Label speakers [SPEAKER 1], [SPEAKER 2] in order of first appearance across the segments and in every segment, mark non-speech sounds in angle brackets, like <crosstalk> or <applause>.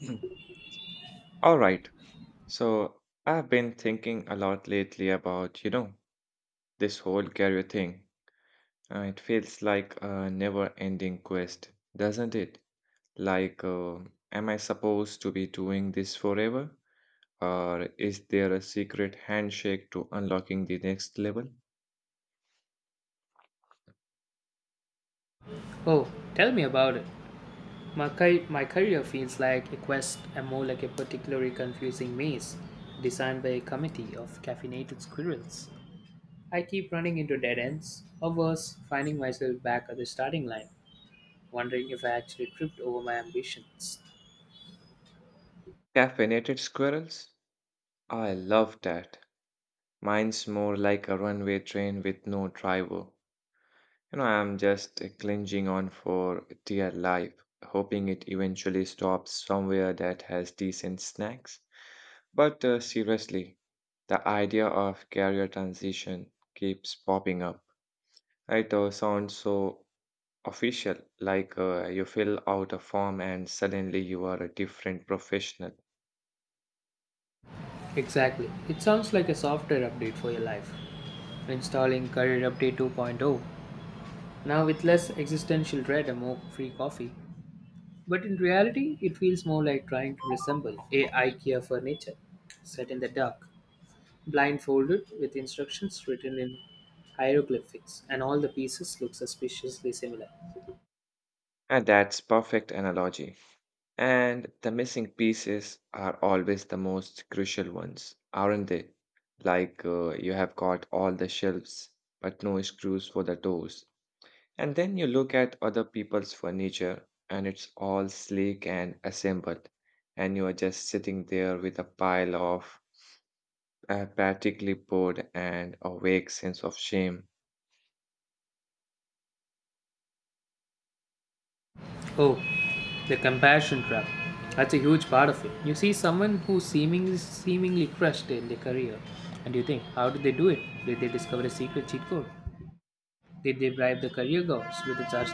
[SPEAKER 1] Mm. All right. So I've been thinking a lot lately about, you know, this whole career thing. It feels like a never-ending quest, doesn't it? Like, uh, am I supposed to be doing this forever? Or is there a secret handshake to unlocking the next level?
[SPEAKER 2] Oh, tell me about it. My career feels like a quest and more like a particularly confusing maze designed by a committee of caffeinated squirrels. I keep running into dead ends, or worse, finding myself back at the starting line, wondering if I actually tripped over my ambitions.
[SPEAKER 1] Caffeinated squirrels? I love that. Mine's more like a runway train with no driver. You know, I'm just clinging on for dear life, hoping it eventually stops somewhere that has decent snacks. But seriously, the idea of career transition keeps popping up. It sounds so official, like you fill out a form and suddenly you are a different professional.
[SPEAKER 2] Exactly. It sounds like a software update for your life. Installing Career Update 2.0. Now with less existential dread and more free coffee. But in reality, it feels more like trying to resemble a IKEA furniture set in the dark, blindfolded with instructions written in hieroglyphics, and all the pieces look suspiciously similar.
[SPEAKER 1] And that's perfect analogy. And the missing pieces are always the most crucial ones, aren't they? You have got all the shelves, but no screws for the doors. And then you look at other people's furniture, and it's all sleek and assembled. And you are just sitting there with a pile of apathic bored and a vague sense of shame.
[SPEAKER 2] Oh, the compassion trap. That's a huge part of it. You see someone who seemingly crushed in their career, and you think, how did they do it? Did they discover a secret cheat code? Did they bribe the career gods with its arts?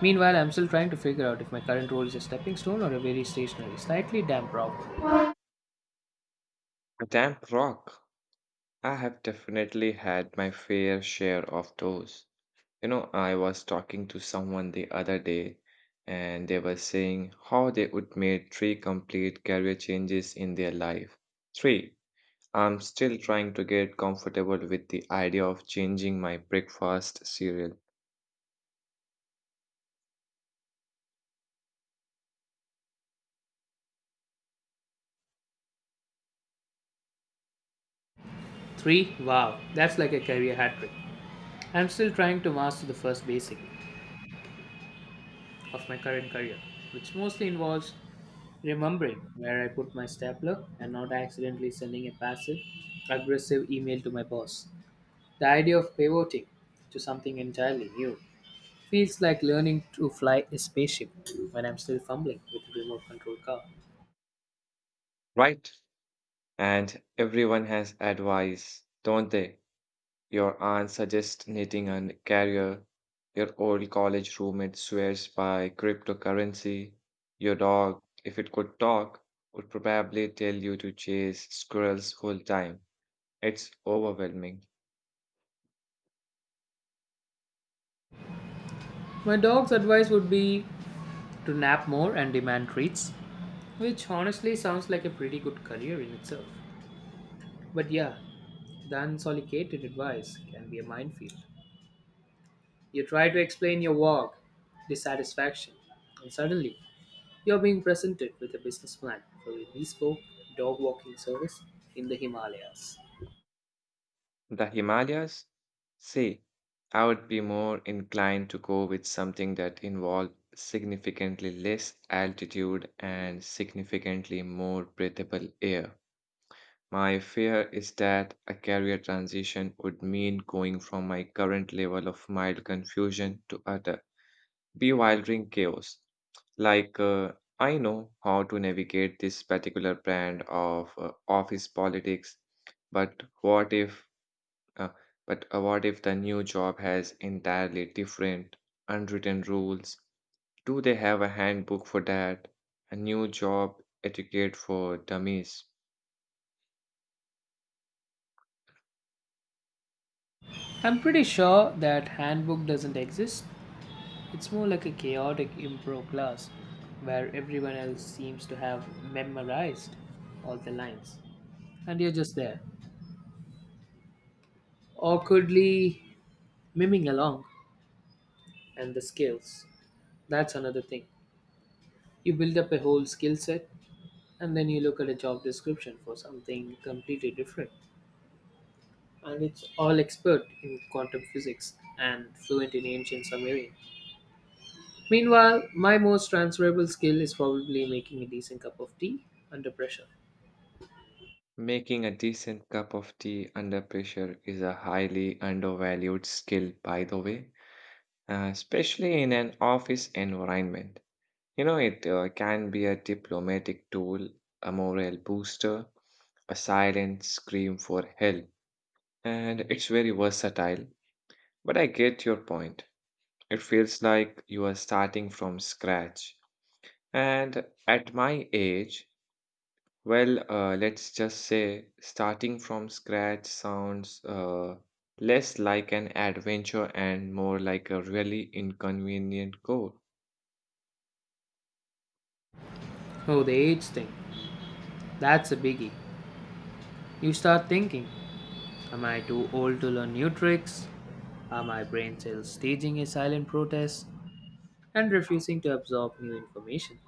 [SPEAKER 2] Meanwhile, I'm still trying to figure out if my current role is a stepping stone or a very stationary, slightly damp rock.
[SPEAKER 1] A damp rock. I have definitely had my fair share of those. You know, I was talking to someone the other day and they were saying how they would make three complete career changes in their life. Three, I'm still trying to get comfortable with the idea of changing my breakfast cereal,
[SPEAKER 2] Three? Wow, that's like a career hat trick. I'm still trying to master the first basic of my current career, which mostly involves remembering where I put my stapler and not accidentally sending a passive aggressive email to my boss. The idea of pivoting to something entirely new feels like learning to fly a spaceship when I'm still fumbling with a remote control car.
[SPEAKER 1] right? And everyone has advice, don't they? Your aunt suggests knitting and career. Your old college roommate swears by cryptocurrency. Your dog, if it could talk, would probably tell you to chase squirrels whole time. It's overwhelming.
[SPEAKER 2] My dog's advice would be to nap more and demand treats, which honestly sounds like a pretty good career in itself. But yeah, the unsolicited advice can be a minefield. You try to explain your work, dissatisfaction, and suddenly you're being presented with a business plan for a bespoke dog walking service in the Himalayas.
[SPEAKER 1] The Himalayas? See, I would be more inclined to go with something that involved significantly less altitude and significantly more breathable air. My fear is that a career transition would mean going from my current level of mild confusion to utter bewildering chaos. Like, uh, I know how to navigate this particular brand of office politics, but what if, uh, but what if the new job has entirely different unwritten rules? Do they have a handbook for that? A new job etiquette for dummies?
[SPEAKER 2] I'm pretty sure that handbook doesn't exist. It's more like a chaotic improv class where everyone else seems to have memorized all the lines and you're just there, awkwardly miming along, and the scales. That's another thing. You build up a whole skill set and then you look at a job description for something completely different. And it's all expert in quantum physics and fluent in ancient Sumerian. Meanwhile, my most transferable skill is probably making a decent cup of tea under pressure.
[SPEAKER 1] Making a decent cup of tea under pressure is a highly undervalued skill, by the way, especially in an office environment. You know, it can be a diplomatic tool, a morale booster, a silent scream for help, and it's very versatile. But I get your point. It feels like you are starting from scratch. And at my age, well, let's just say starting from scratch sounds less like an adventure and more like a really inconvenient goal.
[SPEAKER 2] Oh, the age thing. That's a biggie. You start thinking, am I too old to learn new tricks? Are my brain cells staging a silent protest and refusing to absorb new information?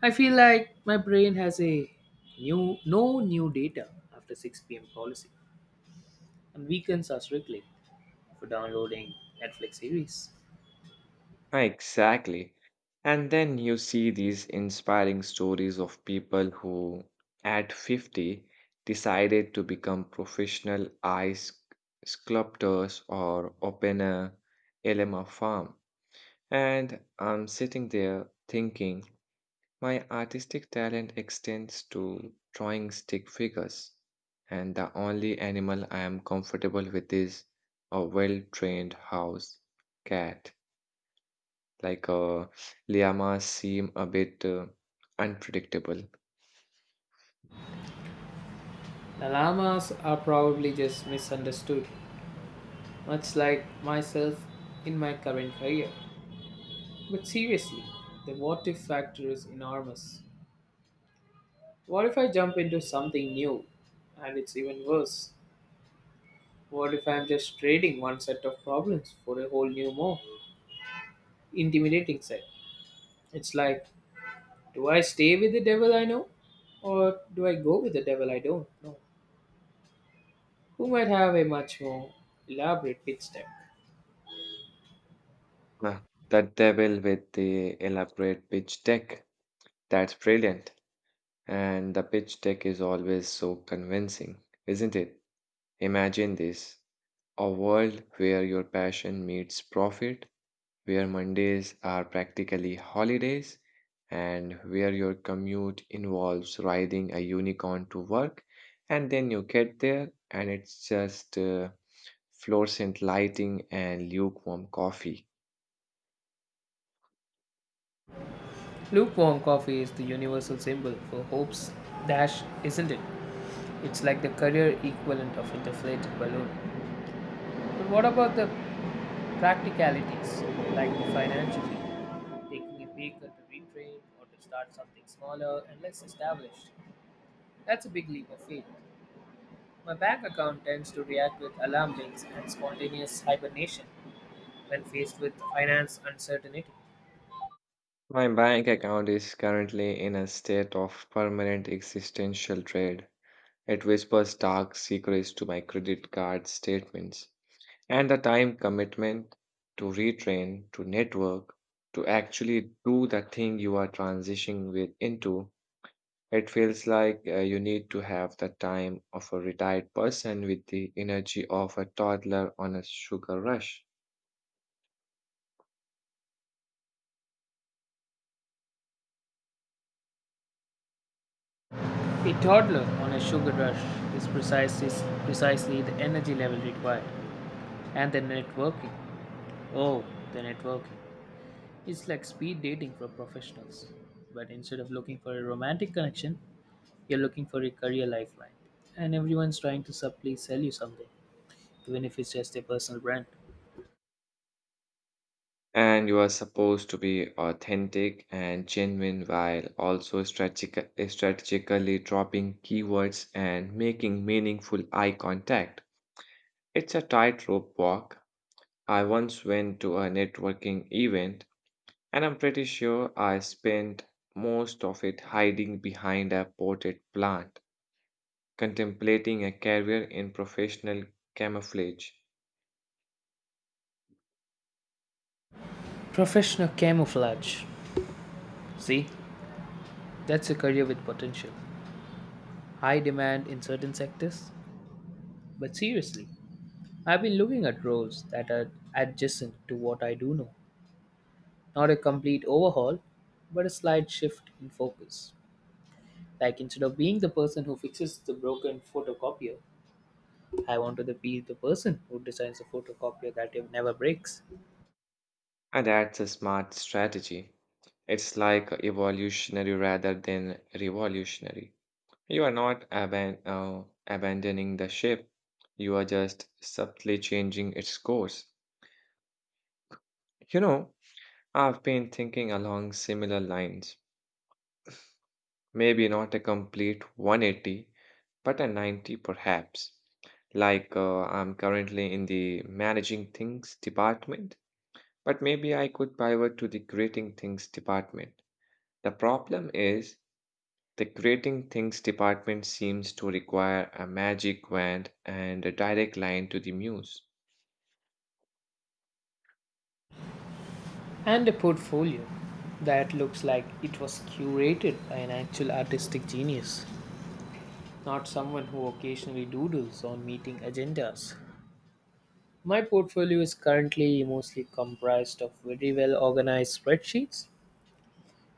[SPEAKER 2] I feel like my brain has a new no new data after 6 p.m. policy, and weekends are strictly for downloading Netflix series.
[SPEAKER 1] Exactly. And then you see these inspiring stories of people who, at 50, decided to become professional ice sculptors or open a LMA farm. And I'm sitting there thinking, my artistic talent extends to drawing stick figures, and the only animal I am comfortable with is a well trained house cat. Like uh, llamas seem a bit unpredictable.
[SPEAKER 2] The llamas are probably just misunderstood, much like myself in my current career. But seriously, the what if factor is enormous. What if I jump into something new and it's even worse? What if I'm just trading one set of problems for a whole new, more intimidating set? It's like, do I stay with the devil I know? Or do I go with the devil I don't know? Who might have a much more elaborate pitch deck?
[SPEAKER 1] Ah, the devil with the elaborate pitch deck. That's brilliant. And the pitch deck is always so convincing, isn't it? Imagine this, a world where your passion meets profit, where Mondays are practically holidays, and where your commute involves riding a unicorn to work, and then you get there and it's just fluorescent lighting and lukewarm coffee.
[SPEAKER 2] Lukewarm coffee is the universal symbol for hope's dash, isn't it? It's like the career equivalent of inflated balloon. But what about the practicalities, like the financially? Taking a pay cut to retrain or to start something smaller and less established. That's a big leap of faith. My bank account tends to react with alarm bells and spontaneous hibernation when faced with finance uncertainty.
[SPEAKER 1] My bank account is currently in a state of permanent existential dread. It whispers dark secrets to my credit card statements. And the time commitment to retrain, to network, to actually do the thing you are transitioning with into. It feels like you need to have the time of a retired person with the energy of a toddler on a sugar rush.
[SPEAKER 2] A toddler on a sugar rush is precisely, precisely the energy level required. And the networking. Oh, the networking. It's like speed dating for professionals. But instead of looking for a romantic connection, you're looking for a career lifeline. And everyone's trying to subtly sell you something, even if it's just a personal brand.
[SPEAKER 1] And you are supposed to be authentic and genuine while also strategically dropping keywords and making meaningful eye contact. It's a tightrope walk. I once went to a networking event, and I'm pretty sure I spent most of it hiding behind a potted plant, contemplating a career in professional camouflage.
[SPEAKER 2] Professional camouflage. See, that's a career with potential. High demand in certain sectors. But seriously, I've been looking at roles that are adjacent to what I do know. Not a complete overhaul, but a slight shift in focus. Like instead of being the person who fixes the broken photocopier, I want to be the person who designs a photocopier that never breaks.
[SPEAKER 1] And that's a smart strategy. It's like evolutionary rather than revolutionary. You are not abandoning the ship, you are just subtly changing its course. You know, I've been thinking along similar lines. Maybe not a complete 180, but a 90 perhaps. I'm currently in the managing things department, but maybe I could pivot to the creating things department. The problem is the creating things department seems to require a magic wand and a direct line to the muse.
[SPEAKER 2] And a portfolio that looks like it was curated by an actual artistic genius, not someone who occasionally doodles on meeting agendas. My portfolio is currently mostly comprised of very well organized spreadsheets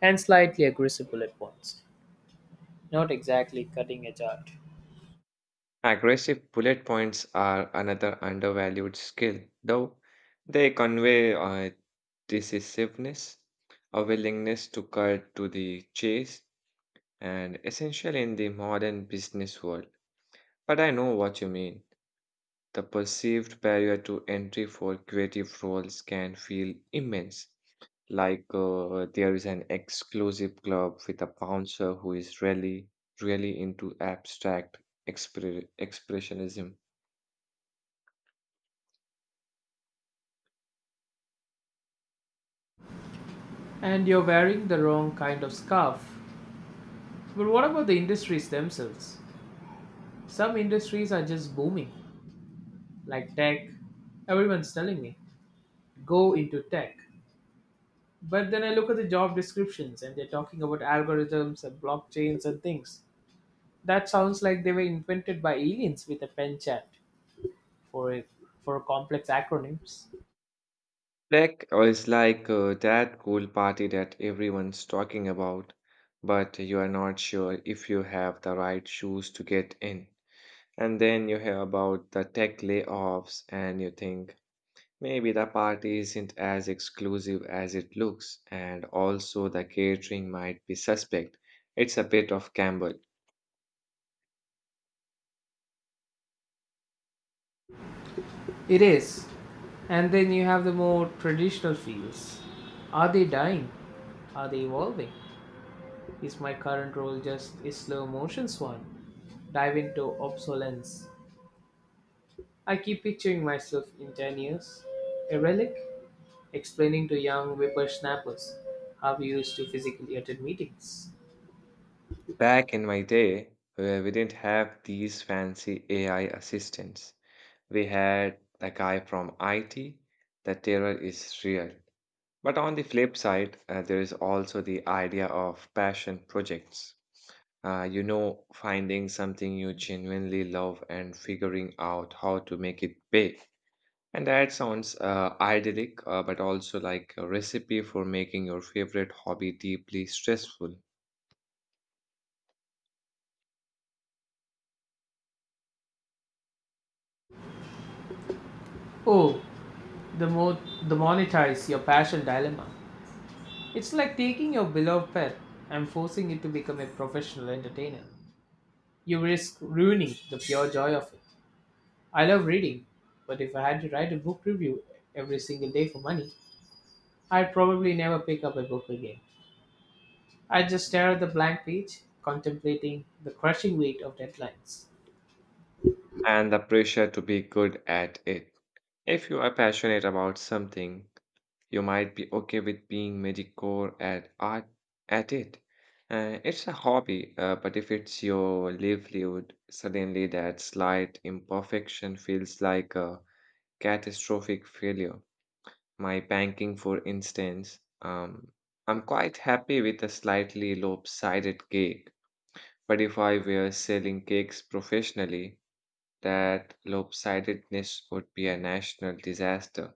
[SPEAKER 2] and slightly aggressive bullet points. Not exactly cutting edge art.
[SPEAKER 1] Aggressive bullet points are another undervalued skill, though they convey decisiveness, a willingness to cut to the chase, and essential in the modern business world. But I know what you mean. The perceived barrier to entry for creative roles can feel immense, like there is an exclusive club with a bouncer who is really, really into abstract expressionism.
[SPEAKER 2] And you're wearing the wrong kind of scarf. But what about the industries themselves? Some industries are just booming, like tech. Everyone's telling me, go into tech. But then I look at the job descriptions and they're talking about algorithms and blockchains and things. That sounds like they were invented by aliens with a pen chat. for a, for complex acronyms.
[SPEAKER 1] Tech is like that cool party that everyone's talking about, but you are not sure if you have the right shoes to get in. And then you hear about the tech layoffs and you think maybe the party isn't as exclusive as it looks, and also the catering might be suspect. It's a bit of gamble.
[SPEAKER 2] It is. And then you have the more traditional fields. Are they dying? Are they evolving? Is my current role just a slow motion swan? Dive into obsolescence. I keep picturing myself in 10 years, a relic, explaining to young whippersnappers how we used to physically attend meetings.
[SPEAKER 1] Back in my day, where we didn't have these fancy AI assistants. We had the guy from IT, the terror is real. But on the flip side, there is also the idea of passion projects. You know, finding something you genuinely love and figuring out how to make it big. And that sounds idyllic, but also like a recipe for making your favorite hobby deeply stressful.
[SPEAKER 2] Oh, the, mo- the monetize your passion dilemma. It's like taking your beloved pet and forcing it to become a professional entertainer. You risk ruining the pure joy of it. I love reading, but if I had to write a book review every single day for money, I'd probably never pick up a book again. I'd just stare at the blank page, contemplating the crushing weight of deadlines.
[SPEAKER 1] And the pressure to be good at it. If you are passionate about something, you might be okay with being mediocre at art at it. It's a hobby, but if it's your livelihood, suddenly that slight imperfection feels like a catastrophic failure. My banking, for instance, I'm quite happy with a slightly lopsided cake, but if I were selling cakes professionally, that lopsidedness would be a national disaster.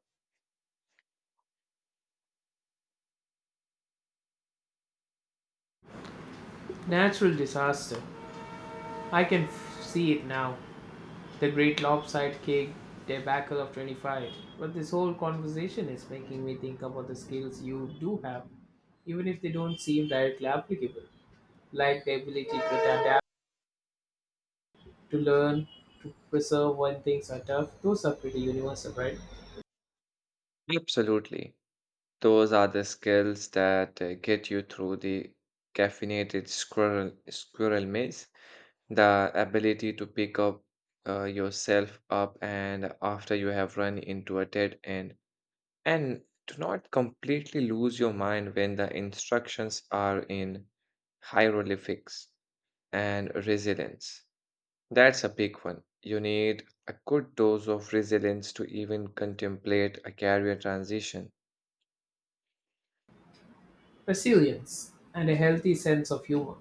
[SPEAKER 2] Natural disaster. See it now. The great lopsided cake debacle of 25. But this whole conversation is making me think about the skills you do have, even if they don't seem directly applicable, like the ability to adapt, to learn, to preserve when things are tough. Those are pretty universal, right?
[SPEAKER 1] Absolutely. Those are the skills that get you through the squirrel maze. The ability to pick up yourself up and after you have run into a dead end, and to not completely lose your mind when the instructions are in hieroglyphics and resilience. That's a big one. You need a good dose of resilience to even contemplate a career transition.
[SPEAKER 2] Resilience and a healthy sense of humor.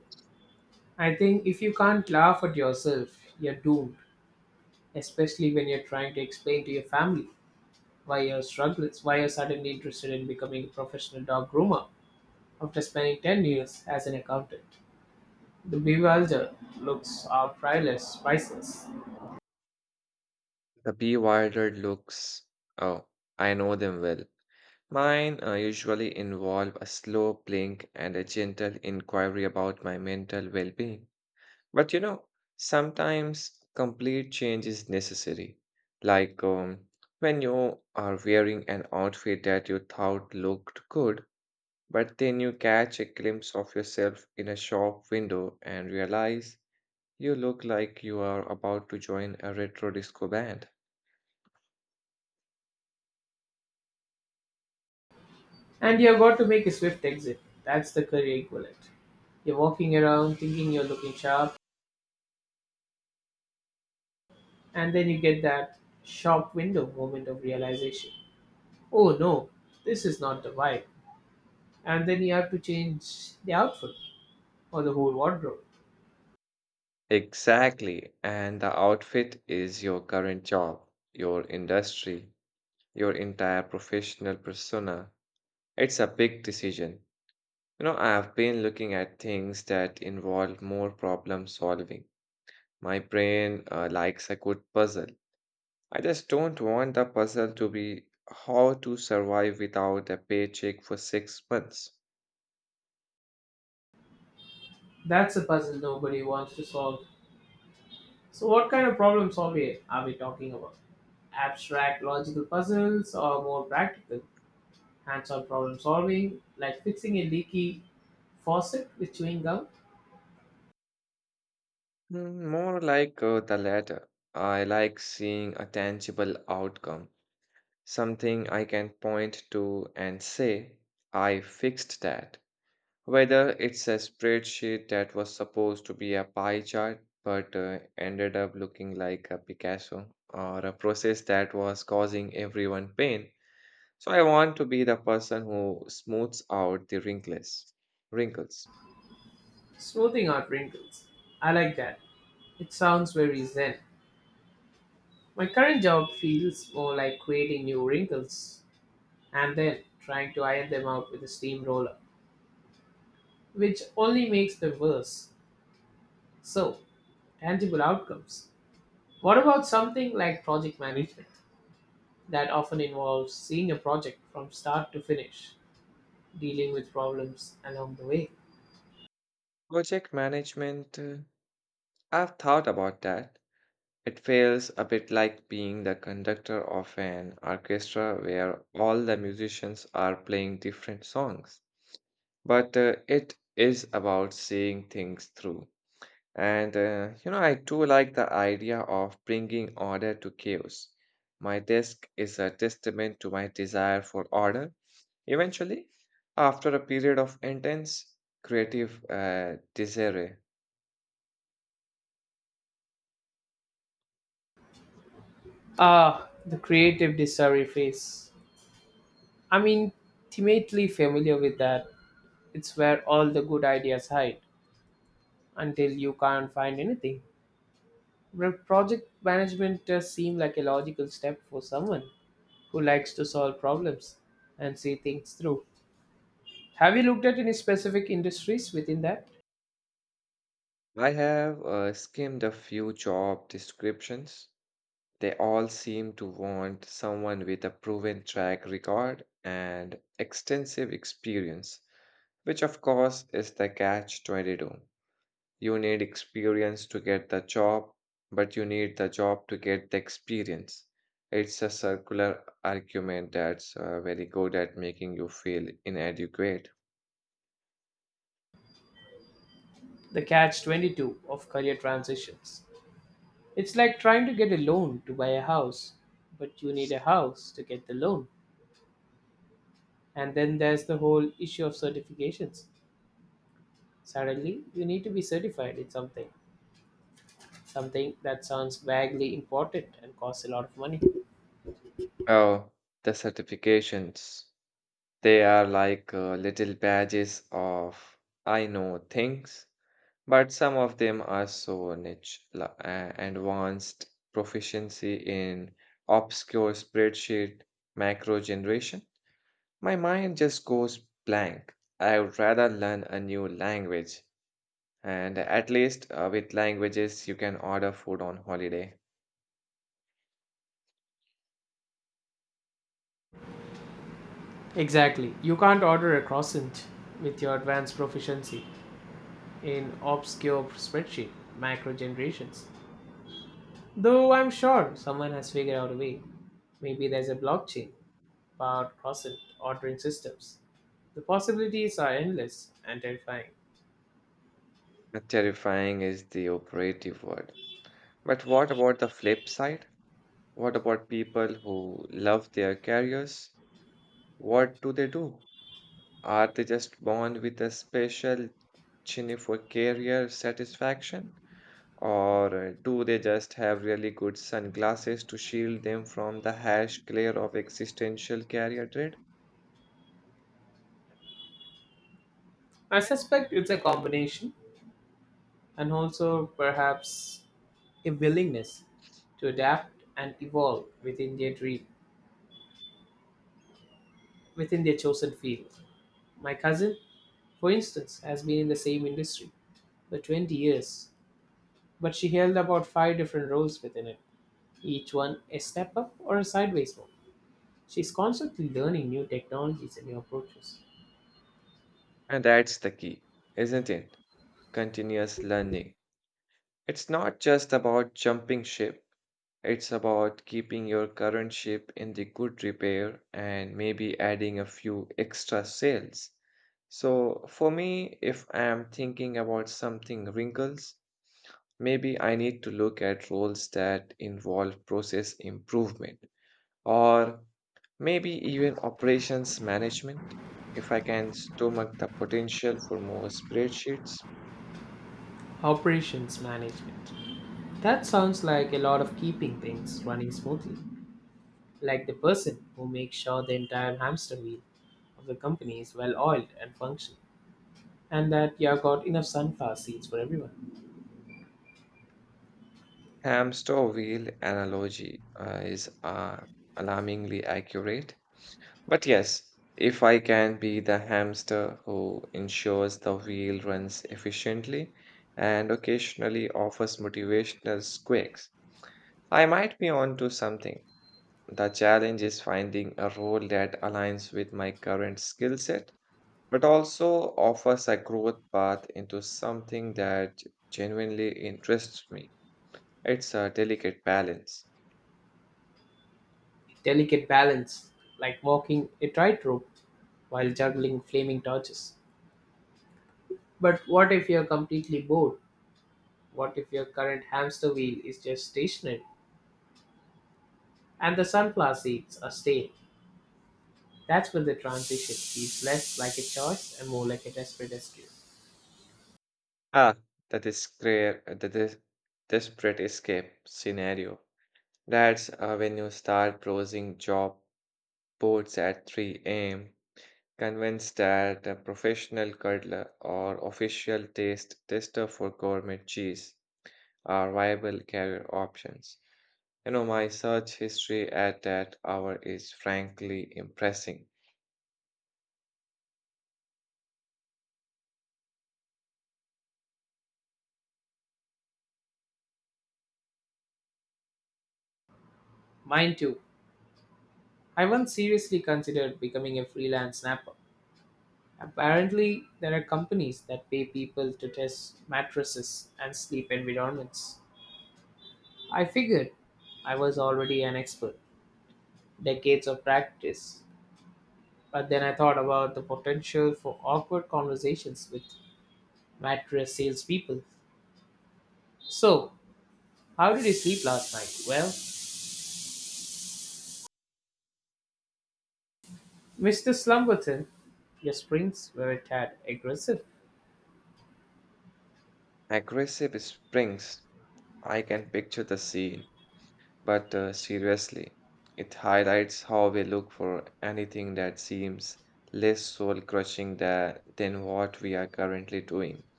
[SPEAKER 2] I think if you can't laugh at yourself, you're doomed, especially when you're trying to explain to your family why you're struggling, why you're suddenly interested in becoming a professional dog groomer. After spending 10 years as an accountant, the bewildered looks are priceless, priceless.
[SPEAKER 1] The B. Wilder looks, oh, I know them well. Mine usually involve a slow blink and a gentle inquiry about my mental well being. But you know, sometimes complete change is necessary. Like um, when you are wearing an outfit that you thought looked good, but then you catch a glimpse of yourself in a shop window and realize you look like you are about to join a retro disco band.
[SPEAKER 2] And you've got to make a swift exit. That's the career equivalent. You're walking around thinking you're looking sharp, and then you get that shop window moment of realization. Oh no, this is not the vibe. And then you have to change the outfit or the whole wardrobe.
[SPEAKER 1] Exactly. And the outfit is your current job, your industry, your entire professional persona. It's a big decision. You know, I have been looking at things that involve more problem solving. My brain likes a good puzzle. I just don't want the puzzle to be how to survive without a paycheck for 6 months.
[SPEAKER 2] That's a puzzle nobody wants to solve. So, what kind of problem solving are we talking about? Abstract logical puzzles or more practical, hands-on problem solving, like fixing a leaky faucet with chewing gum,
[SPEAKER 1] More like the latter. I like seeing a tangible outcome, something I can point to and say, I fixed that. Whether it's a spreadsheet that was supposed to be a pie chart but ended up looking like a Picasso, or a process that was causing everyone pain. So I want to be the person who smooths out the wrinkles. Wrinkles.
[SPEAKER 2] smoothing out wrinkles. I like that. It sounds very zen. My current job feels more like creating new wrinkles and then trying to iron them out with a steamroller, which only makes them worse. So, tangible outcomes. What about something like project management that often involves seeing a project from start to finish, dealing with problems along the way?
[SPEAKER 1] Project management. I've thought about that. It feels a bit like being the conductor of an orchestra where all the musicians are playing different songs. But it is about seeing things through. And you know, I do like the idea of bringing order to chaos. My desk is a testament to my desire for order. Eventually, after a period of intense creative desire,
[SPEAKER 2] Ah, the creative discovery phase. I'm intimately familiar with that. It's where all the good ideas hide until you can't find anything. Well, project management does seem like a logical step for someone who likes to solve problems and see things through. Have you looked at any specific industries within that?
[SPEAKER 1] I have skimmed a few job descriptions. They all seem to want someone with a proven track record and extensive experience, which of course is the catch 22. You need experience to get the job, but you need the job to get the experience. It's a circular argument that's very good at making you feel inadequate.
[SPEAKER 2] The catch 22 of career transitions. It's like trying to get a loan to buy a house, but you need a house to get the loan. And then there's the whole issue of certifications. Suddenly, you need to be certified in something, something that sounds vaguely important and costs a lot of money.
[SPEAKER 1] Oh, the certifications. They are like little badges of I know things. But some of them are so niche, advanced proficiency in obscure spreadsheet macro generation. My mind just goes blank. I would rather learn a new language. And at least with languages, you can order food on holiday.
[SPEAKER 2] Exactly. You can't order a croissant with your advanced proficiency in obscure spreadsheet macro generations. Though I'm sure someone has figured out a way. Maybe there's a blockchain powered croissant ordering systems. The possibilities are endless and terrifying.
[SPEAKER 1] Terrifying is the operative word. But what about the flip side? What about people who love their careers? What do they do? Are they just born with a special chin for career satisfaction? Or do they just have really good sunglasses to shield them from the harsh glare of existential career dread?
[SPEAKER 2] I suspect it's a combination and also perhaps a willingness to adapt and evolve within their dream, within their chosen field. My cousin, for instance, has been in the same industry for 20 years, but she held about five different roles within it, each one a step up or a sideways move. She's constantly learning new technologies and new approaches.
[SPEAKER 1] And that's the key, isn't it? Continuous learning. It's not just about jumping ship. It's about keeping your current ship in the good repair and maybe adding a few extra sails. So for me, if I am thinking about something wrinkles, maybe I need to look at roles that involve process improvement or maybe even operations management. If I can stomach the potential for more spreadsheets,
[SPEAKER 2] Operations management. That sounds like a lot of keeping things running smoothly, like the person who makes sure the entire hamster wheel of the company is well oiled and functioning, and that you have got enough sunflower seeds for everyone.
[SPEAKER 1] hamster wheel analogy is alarmingly accurate. But yes, if I can be the hamster who ensures the wheel runs efficiently and occasionally offers motivational squawks, I might be onto something. The challenge is finding a role that aligns with my current skill set, but also offers a growth path into something that genuinely interests me. It's a delicate balance.
[SPEAKER 2] Delicate balance, like walking a tightrope while juggling flaming torches. But what if you're completely bored? What if your current hamster wheel is just stationary and the sunflower seeds are stale? That's when the transition feels less like a choice and more like a desperate escape.
[SPEAKER 1] Ah, the, discre- the dis- desperate escape scenario. That's when you start browsing job boards at 3 a.m., convinced that a professional curdler or official taste tester for gourmet cheese are viable career options. You know, my search history at that hour is frankly impressive.
[SPEAKER 2] Mine too. I once seriously considered becoming a freelance snapper. Apparently, there are companies that pay people to test mattresses and sleep environments. I figured I was already an expert, decades of practice. But then I thought about the potential for awkward conversations with mattress salespeople. So, how did you sleep last night? Well, Mr. Slumberton, your sprints were a tad aggressive.
[SPEAKER 1] Aggressive springs, I can picture the scene. But seriously, it highlights how we look for anything that seems less soul crushing than what we are currently doing.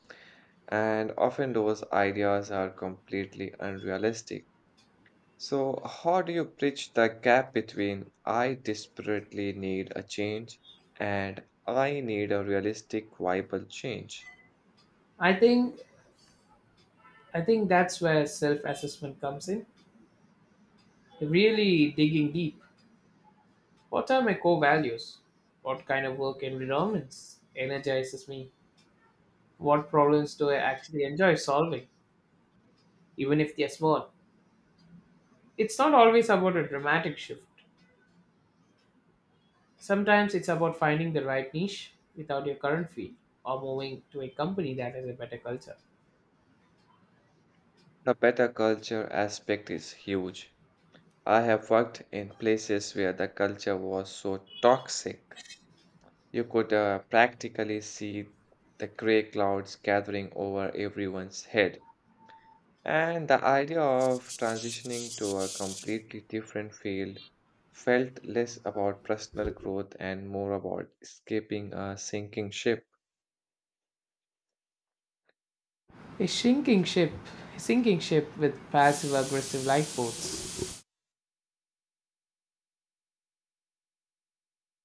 [SPEAKER 1] And often those ideas are completely unrealistic. So, how do you bridge the gap between I desperately need a change and I need a realistic, viable change?
[SPEAKER 2] I think I think that's where self-assessment comes in. Really digging deep. What are my core values? What kind of work environments energizes me? What problems do I actually enjoy solving, even if they're small? It's not always about a dramatic shift. Sometimes it's about finding the right niche without your current field, or moving to a company that has a better culture.
[SPEAKER 1] The better culture aspect is huge. I have worked in places where the culture was so toxic. You could practically see the gray clouds gathering over everyone's head. And the idea of transitioning to a completely different field felt less about personal growth and more about escaping a sinking ship.
[SPEAKER 2] A sinking ship, a sinking ship with passive aggressive lifeboats.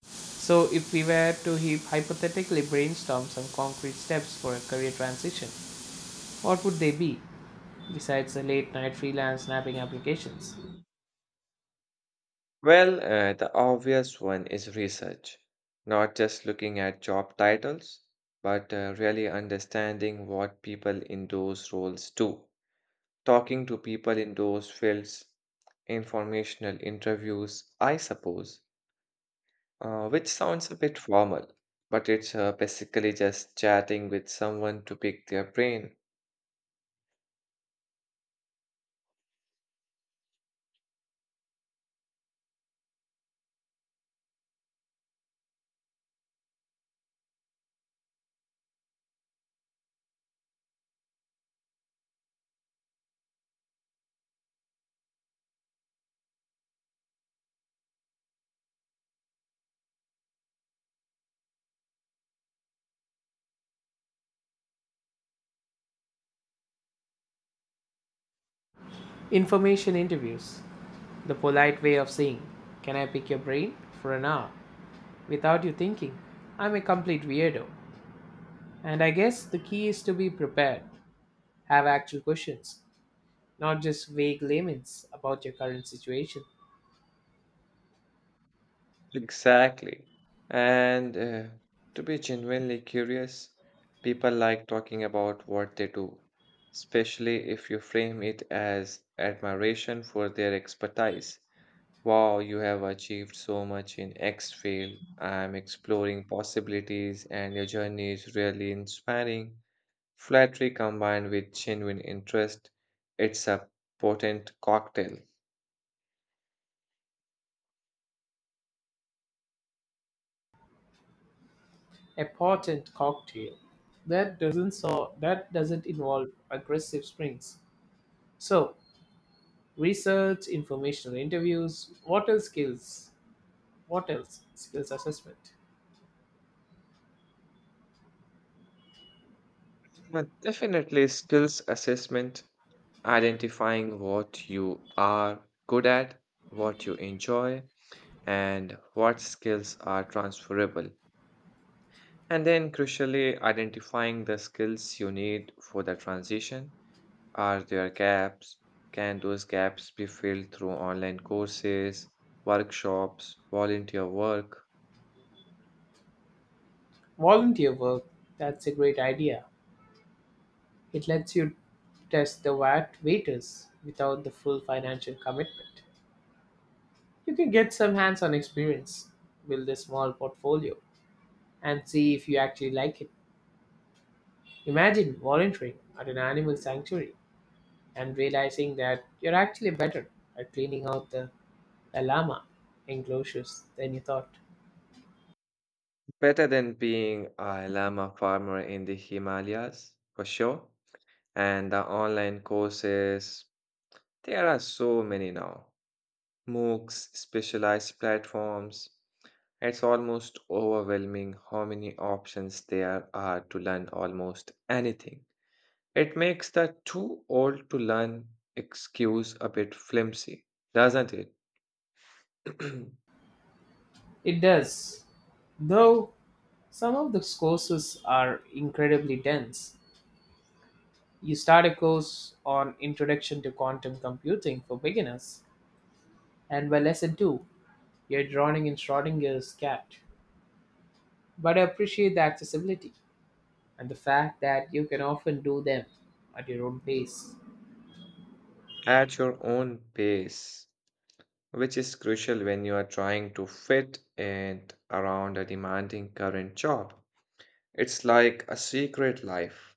[SPEAKER 2] So, if we were to hypothetically brainstorm some concrete steps for a career transition, what would they be besides the late night freelance snapping applications?
[SPEAKER 1] Well, the obvious one is research, not just looking at job titles, but really understanding what people in those roles do. Talking to people in those fields, informational interviews, I suppose, which sounds a bit formal, but it's basically just chatting with someone to pick their brain.
[SPEAKER 2] Information interviews, the polite way of saying, "Can I pick your brain for an hour?" without you thinking I'm a complete weirdo. And I guess the key is to be prepared. Have actual questions, not just vague laments about your current situation.
[SPEAKER 1] Exactly. And to be genuinely curious, people like talking about what they do, especially if you frame it as admiration for their expertise. Wow, you have achieved so much in X field. I'm exploring possibilities, and your journey is really inspiring. Flattery combined with genuine interest, it's a potent cocktail.
[SPEAKER 2] A potent cocktail that doesn't so that doesn't involve aggressive springs. So, research, informational interviews, what else? Skills? What else? Skills assessment.
[SPEAKER 1] But definitely, skills assessment, identifying what you are good at, what you enjoy, and what skills are transferable. And then, crucially, identifying the skills you need for the transition. Are there gaps? Can those gaps be filled through online courses, workshops, volunteer work?
[SPEAKER 2] Volunteer work, that's a great idea. It lets you test the VAT waiters without the full financial commitment. You can get some hands on experience, build a small portfolio, and see if you actually like it. Imagine volunteering at an animal sanctuary and realizing that you're actually better at cleaning out the llama enclosures than you thought.
[SPEAKER 1] Better than being a llama farmer in the Himalayas, for sure. And the online courses, there are so many now. MOOCs, specialized platforms. It's almost overwhelming how many options there are to learn almost anything. It makes the too old to learn excuse a bit flimsy, doesn't it? <clears throat>
[SPEAKER 2] It does. Though some of the courses are incredibly dense. You start a course on Introduction to Quantum Computing for beginners, and by lesson 2, you're drowning in Schrodinger's cat. But I appreciate the accessibility, and the fact that you can often do them at your own pace.
[SPEAKER 1] At your own pace, which is crucial when you are trying to fit it around a demanding current job. It's like a secret life.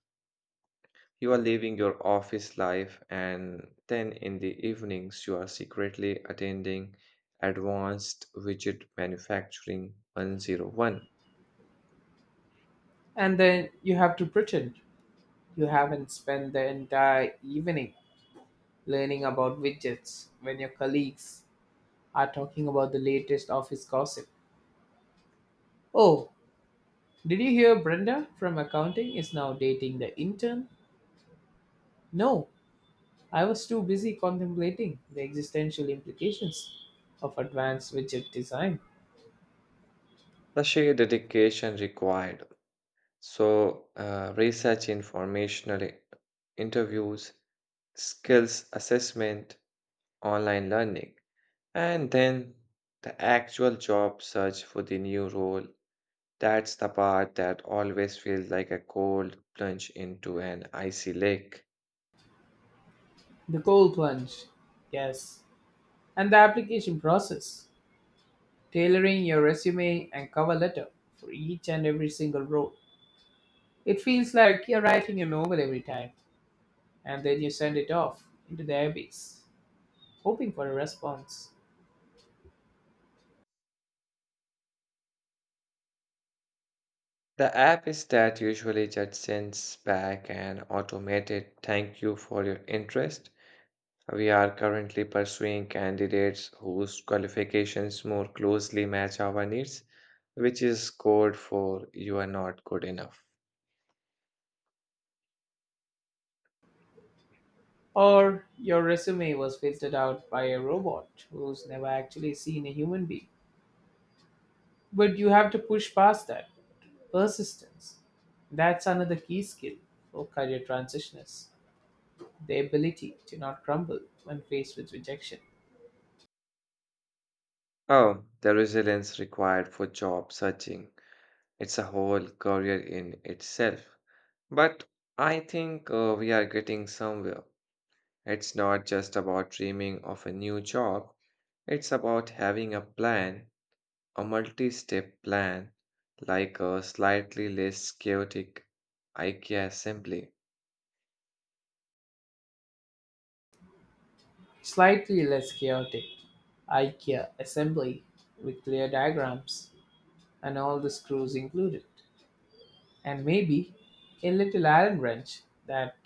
[SPEAKER 1] You are living your office life, and then in the evenings, you are secretly attending Advanced Widget Manufacturing 101.
[SPEAKER 2] And then you have to pretend you haven't spent the entire evening learning about widgets when your colleagues are talking about the latest office gossip. Oh, did you hear Brenda from accounting is now dating the intern? No, I was too busy contemplating the existential implications of advanced widget design.
[SPEAKER 1] The sheer dedication required. So, research, informational interviews, skills assessment, online learning, and then the actual job search for the new role. That's the part that always feels like a cold plunge into an icy lake.
[SPEAKER 2] The cold plunge, yes, and the application process, tailoring your resume and cover letter for each and every single role. It feels like you're writing a novel every time, and then you send it off into the abyss, hoping for a response.
[SPEAKER 1] The app is that usually just sends back an automated thank you for your interest. We are currently pursuing candidates whose qualifications more closely match our needs, which is code for you are not good enough.
[SPEAKER 2] Or your resume was filtered out by a robot who's never actually seen a human being. But you have to push past that. Persistence. That's another key skill for career transitioners, the ability to not crumble when faced with rejection.
[SPEAKER 1] Oh, the resilience required for job searching. It's a whole career in itself. But I think we are getting somewhere. It's not just about dreaming of a new job, it's about having a plan. A multi step plan, like a slightly less chaotic IKEA assembly.
[SPEAKER 2] Slightly less chaotic IKEA assembly with clear diagrams and all the screws included. And maybe a little Allen wrench that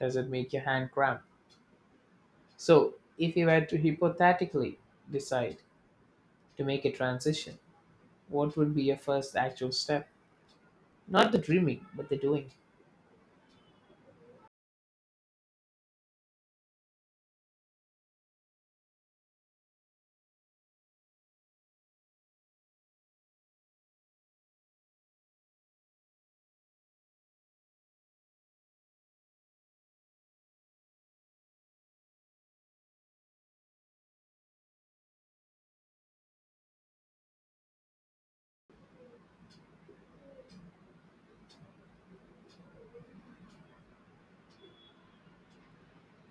[SPEAKER 2] doesn't make your hand cramp. So, if you were to hypothetically decide to make a transition, what would be your first actual step? Not the dreaming, but the doing.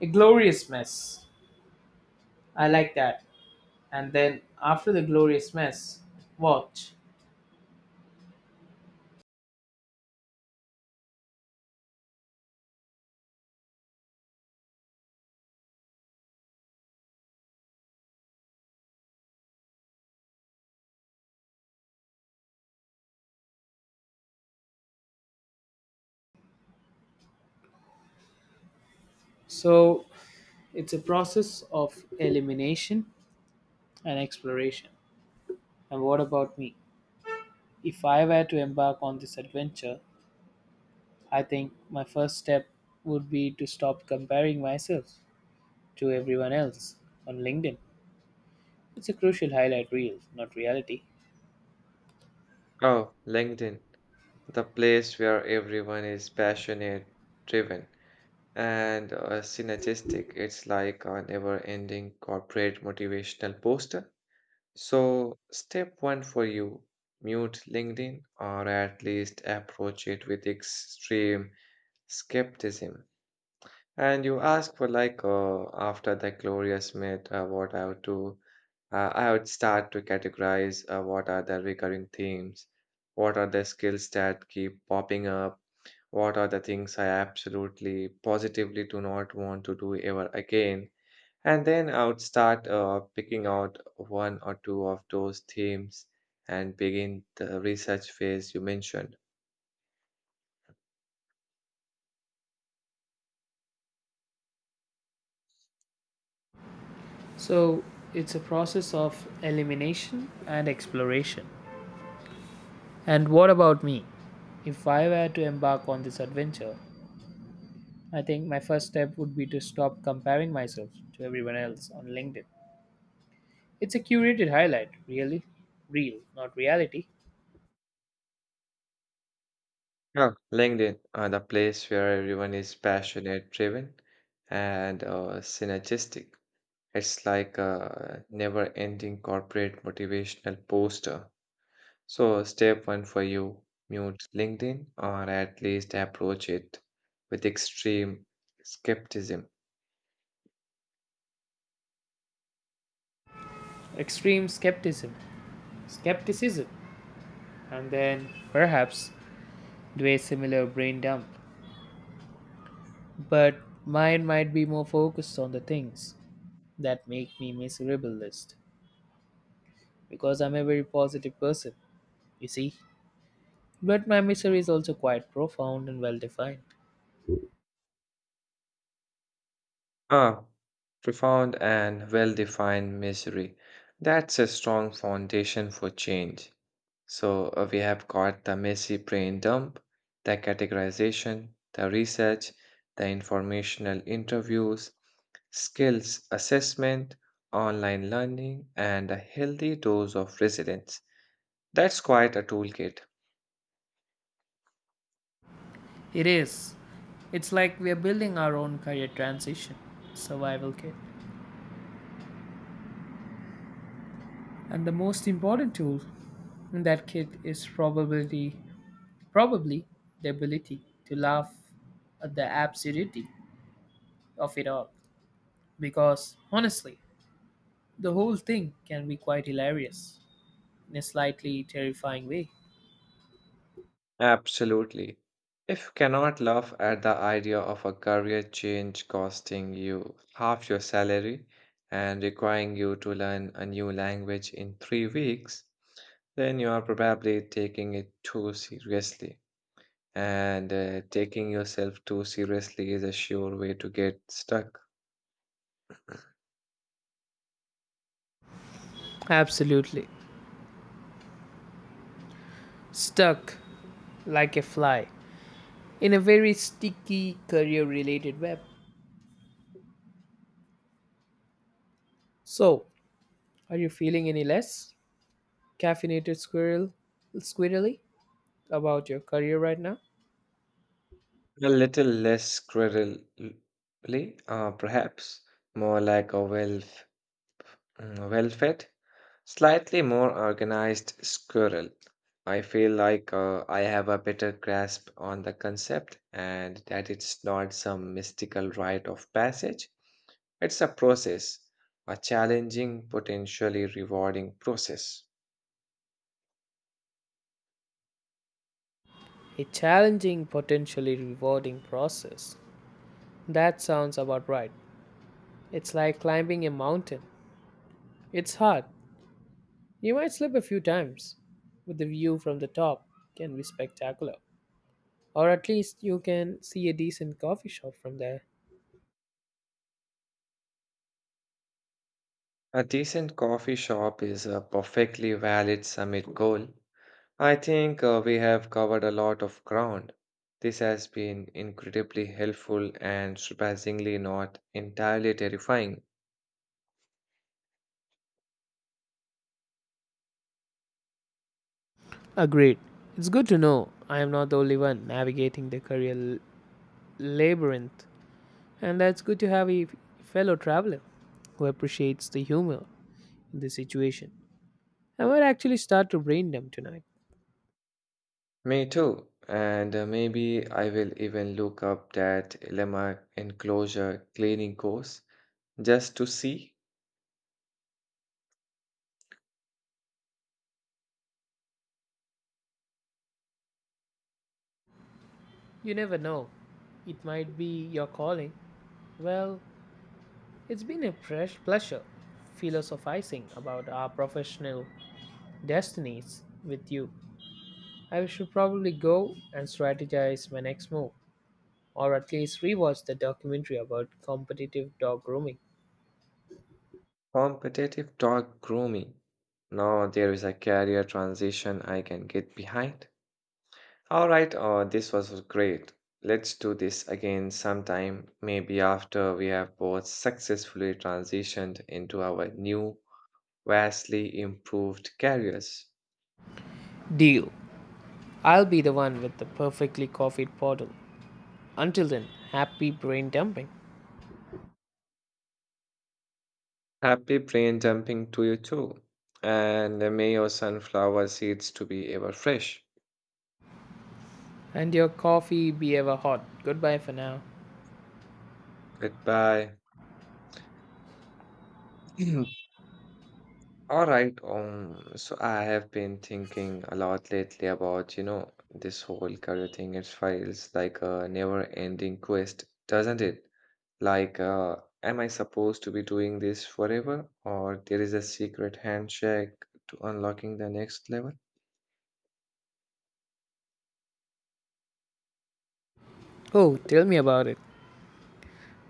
[SPEAKER 2] A glorious mess. I like that. And then after the glorious mess, watch. So it's a process of elimination and exploration. And what about me? If I were to embark on this adventure, I think my first step would be to stop comparing myself to everyone else on LinkedIn. It's a crucial highlight reel, not reality.
[SPEAKER 1] Oh, LinkedIn, the place where everyone is passionate, driven, and synergistic. It's like a never ending corporate motivational poster. So, step one for you, mute LinkedIn or at least approach it with extreme skepticism. And you ask for like after the glorious myth, what I would do. I would start to categorize what are the recurring themes, what are the skills that keep popping up, what are the things I absolutely positively do not want to do ever again. And then I would start picking out one or two of those themes and begin the research phase you mentioned.
[SPEAKER 2] So it's a process of elimination and exploration. And what about me? If I were to embark on this adventure, I think my first step would be to stop comparing myself to everyone else on LinkedIn. It's a curated highlight, really. Real, not reality.
[SPEAKER 1] Yeah, LinkedIn, the place where everyone is passionate, driven, and synergistic. It's like a never-ending corporate motivational poster. So, step one for you, mute LinkedIn or at least approach it with extreme skepticism.
[SPEAKER 2] Extreme skepticism. Skepticism. And then, perhaps, do a similar brain dump. But mine might be more focused on the things that make me miserable list. Because I'm a very positive person, you see. But my misery is also quite profound and well defined.
[SPEAKER 1] Ah, profound and well-defined misery. That's a strong foundation for change. So we have got the messy brain dump, the categorization, the research, the informational interviews, skills assessment, online learning, and a healthy dose of resilience. That's quite a toolkit.
[SPEAKER 2] It is. It's like we are building our own career transition survival kit. And the most important tool in that kit is probability. Probably the ability to laugh at the absurdity of it all. Because honestly, the whole thing can be quite hilarious in a slightly terrifying way.
[SPEAKER 1] Absolutely. If you cannot laugh at the idea of a career change costing you half your salary and requiring you to learn a new language in 3 weeks, then you are probably taking it too seriously. And taking yourself too seriously is a sure way to get stuck.
[SPEAKER 2] Absolutely. Stuck like a fly in a very sticky career related web. So, are you feeling any less caffeinated squirrel squirrely about your career right now?
[SPEAKER 1] A little less cruelly, perhaps, more like a well, well fed, slightly more organized squirrel. I feel like I have a better grasp on the concept and that it's not some mystical rite of passage. It's a process, a challenging, potentially rewarding process.
[SPEAKER 2] A challenging, potentially rewarding process. That sounds about right. It's like climbing a mountain. It's hard. You might slip a few times, but the view from the top can be spectacular. Or at least you can see a decent coffee shop from there.
[SPEAKER 1] A decent coffee shop is a perfectly valid summit goal. I think we have covered a lot of ground. This has been incredibly helpful and surprisingly not entirely terrifying.
[SPEAKER 2] Agreed. It's good to know I am not the only one navigating the career labyrinth. And that's good to have a fellow traveler who appreciates the humor in the situation. I might actually start to brain dump tonight.
[SPEAKER 1] Me too. And maybe I will even look up that lemma enclosure cleaning course just to see.
[SPEAKER 2] You never know. It might be your calling. Well, it's been a fresh pleasure philosophizing about our professional destinies with you. I should probably go and strategize my next move, or at least rewatch the documentary about competitive dog grooming.
[SPEAKER 1] Competitive dog grooming. Now there is a career transition I can get behind. All right, this was great. Let's do this again sometime, maybe after we have both successfully transitioned into our new, vastly improved careers.
[SPEAKER 2] Deal. I'll be the one with the perfectly coffeeed bottle. Until then, happy brain dumping.
[SPEAKER 1] Happy brain dumping to you too. And may your sunflower seeds to be ever fresh.
[SPEAKER 2] And your coffee be ever hot. Goodbye for now.
[SPEAKER 1] Goodbye. <clears throat> All right. So I have been thinking a lot lately about, this whole career thing. It feels like a never-ending quest, doesn't it? Like, am I supposed to be doing this forever, or there is a secret handshake to unlocking the next level?
[SPEAKER 2] Oh, tell me about it.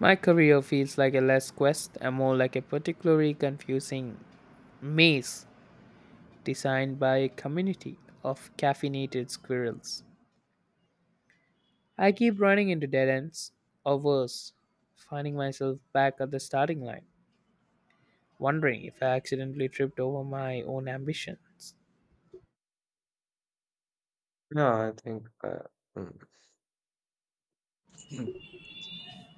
[SPEAKER 2] My career feels like a less quest and more like a particularly confusing maze designed by a community of caffeinated squirrels. I keep running into dead ends, or worse, finding myself back at the starting line, wondering if I accidentally tripped over my own ambitions.
[SPEAKER 1] Yeah, I think. Mm.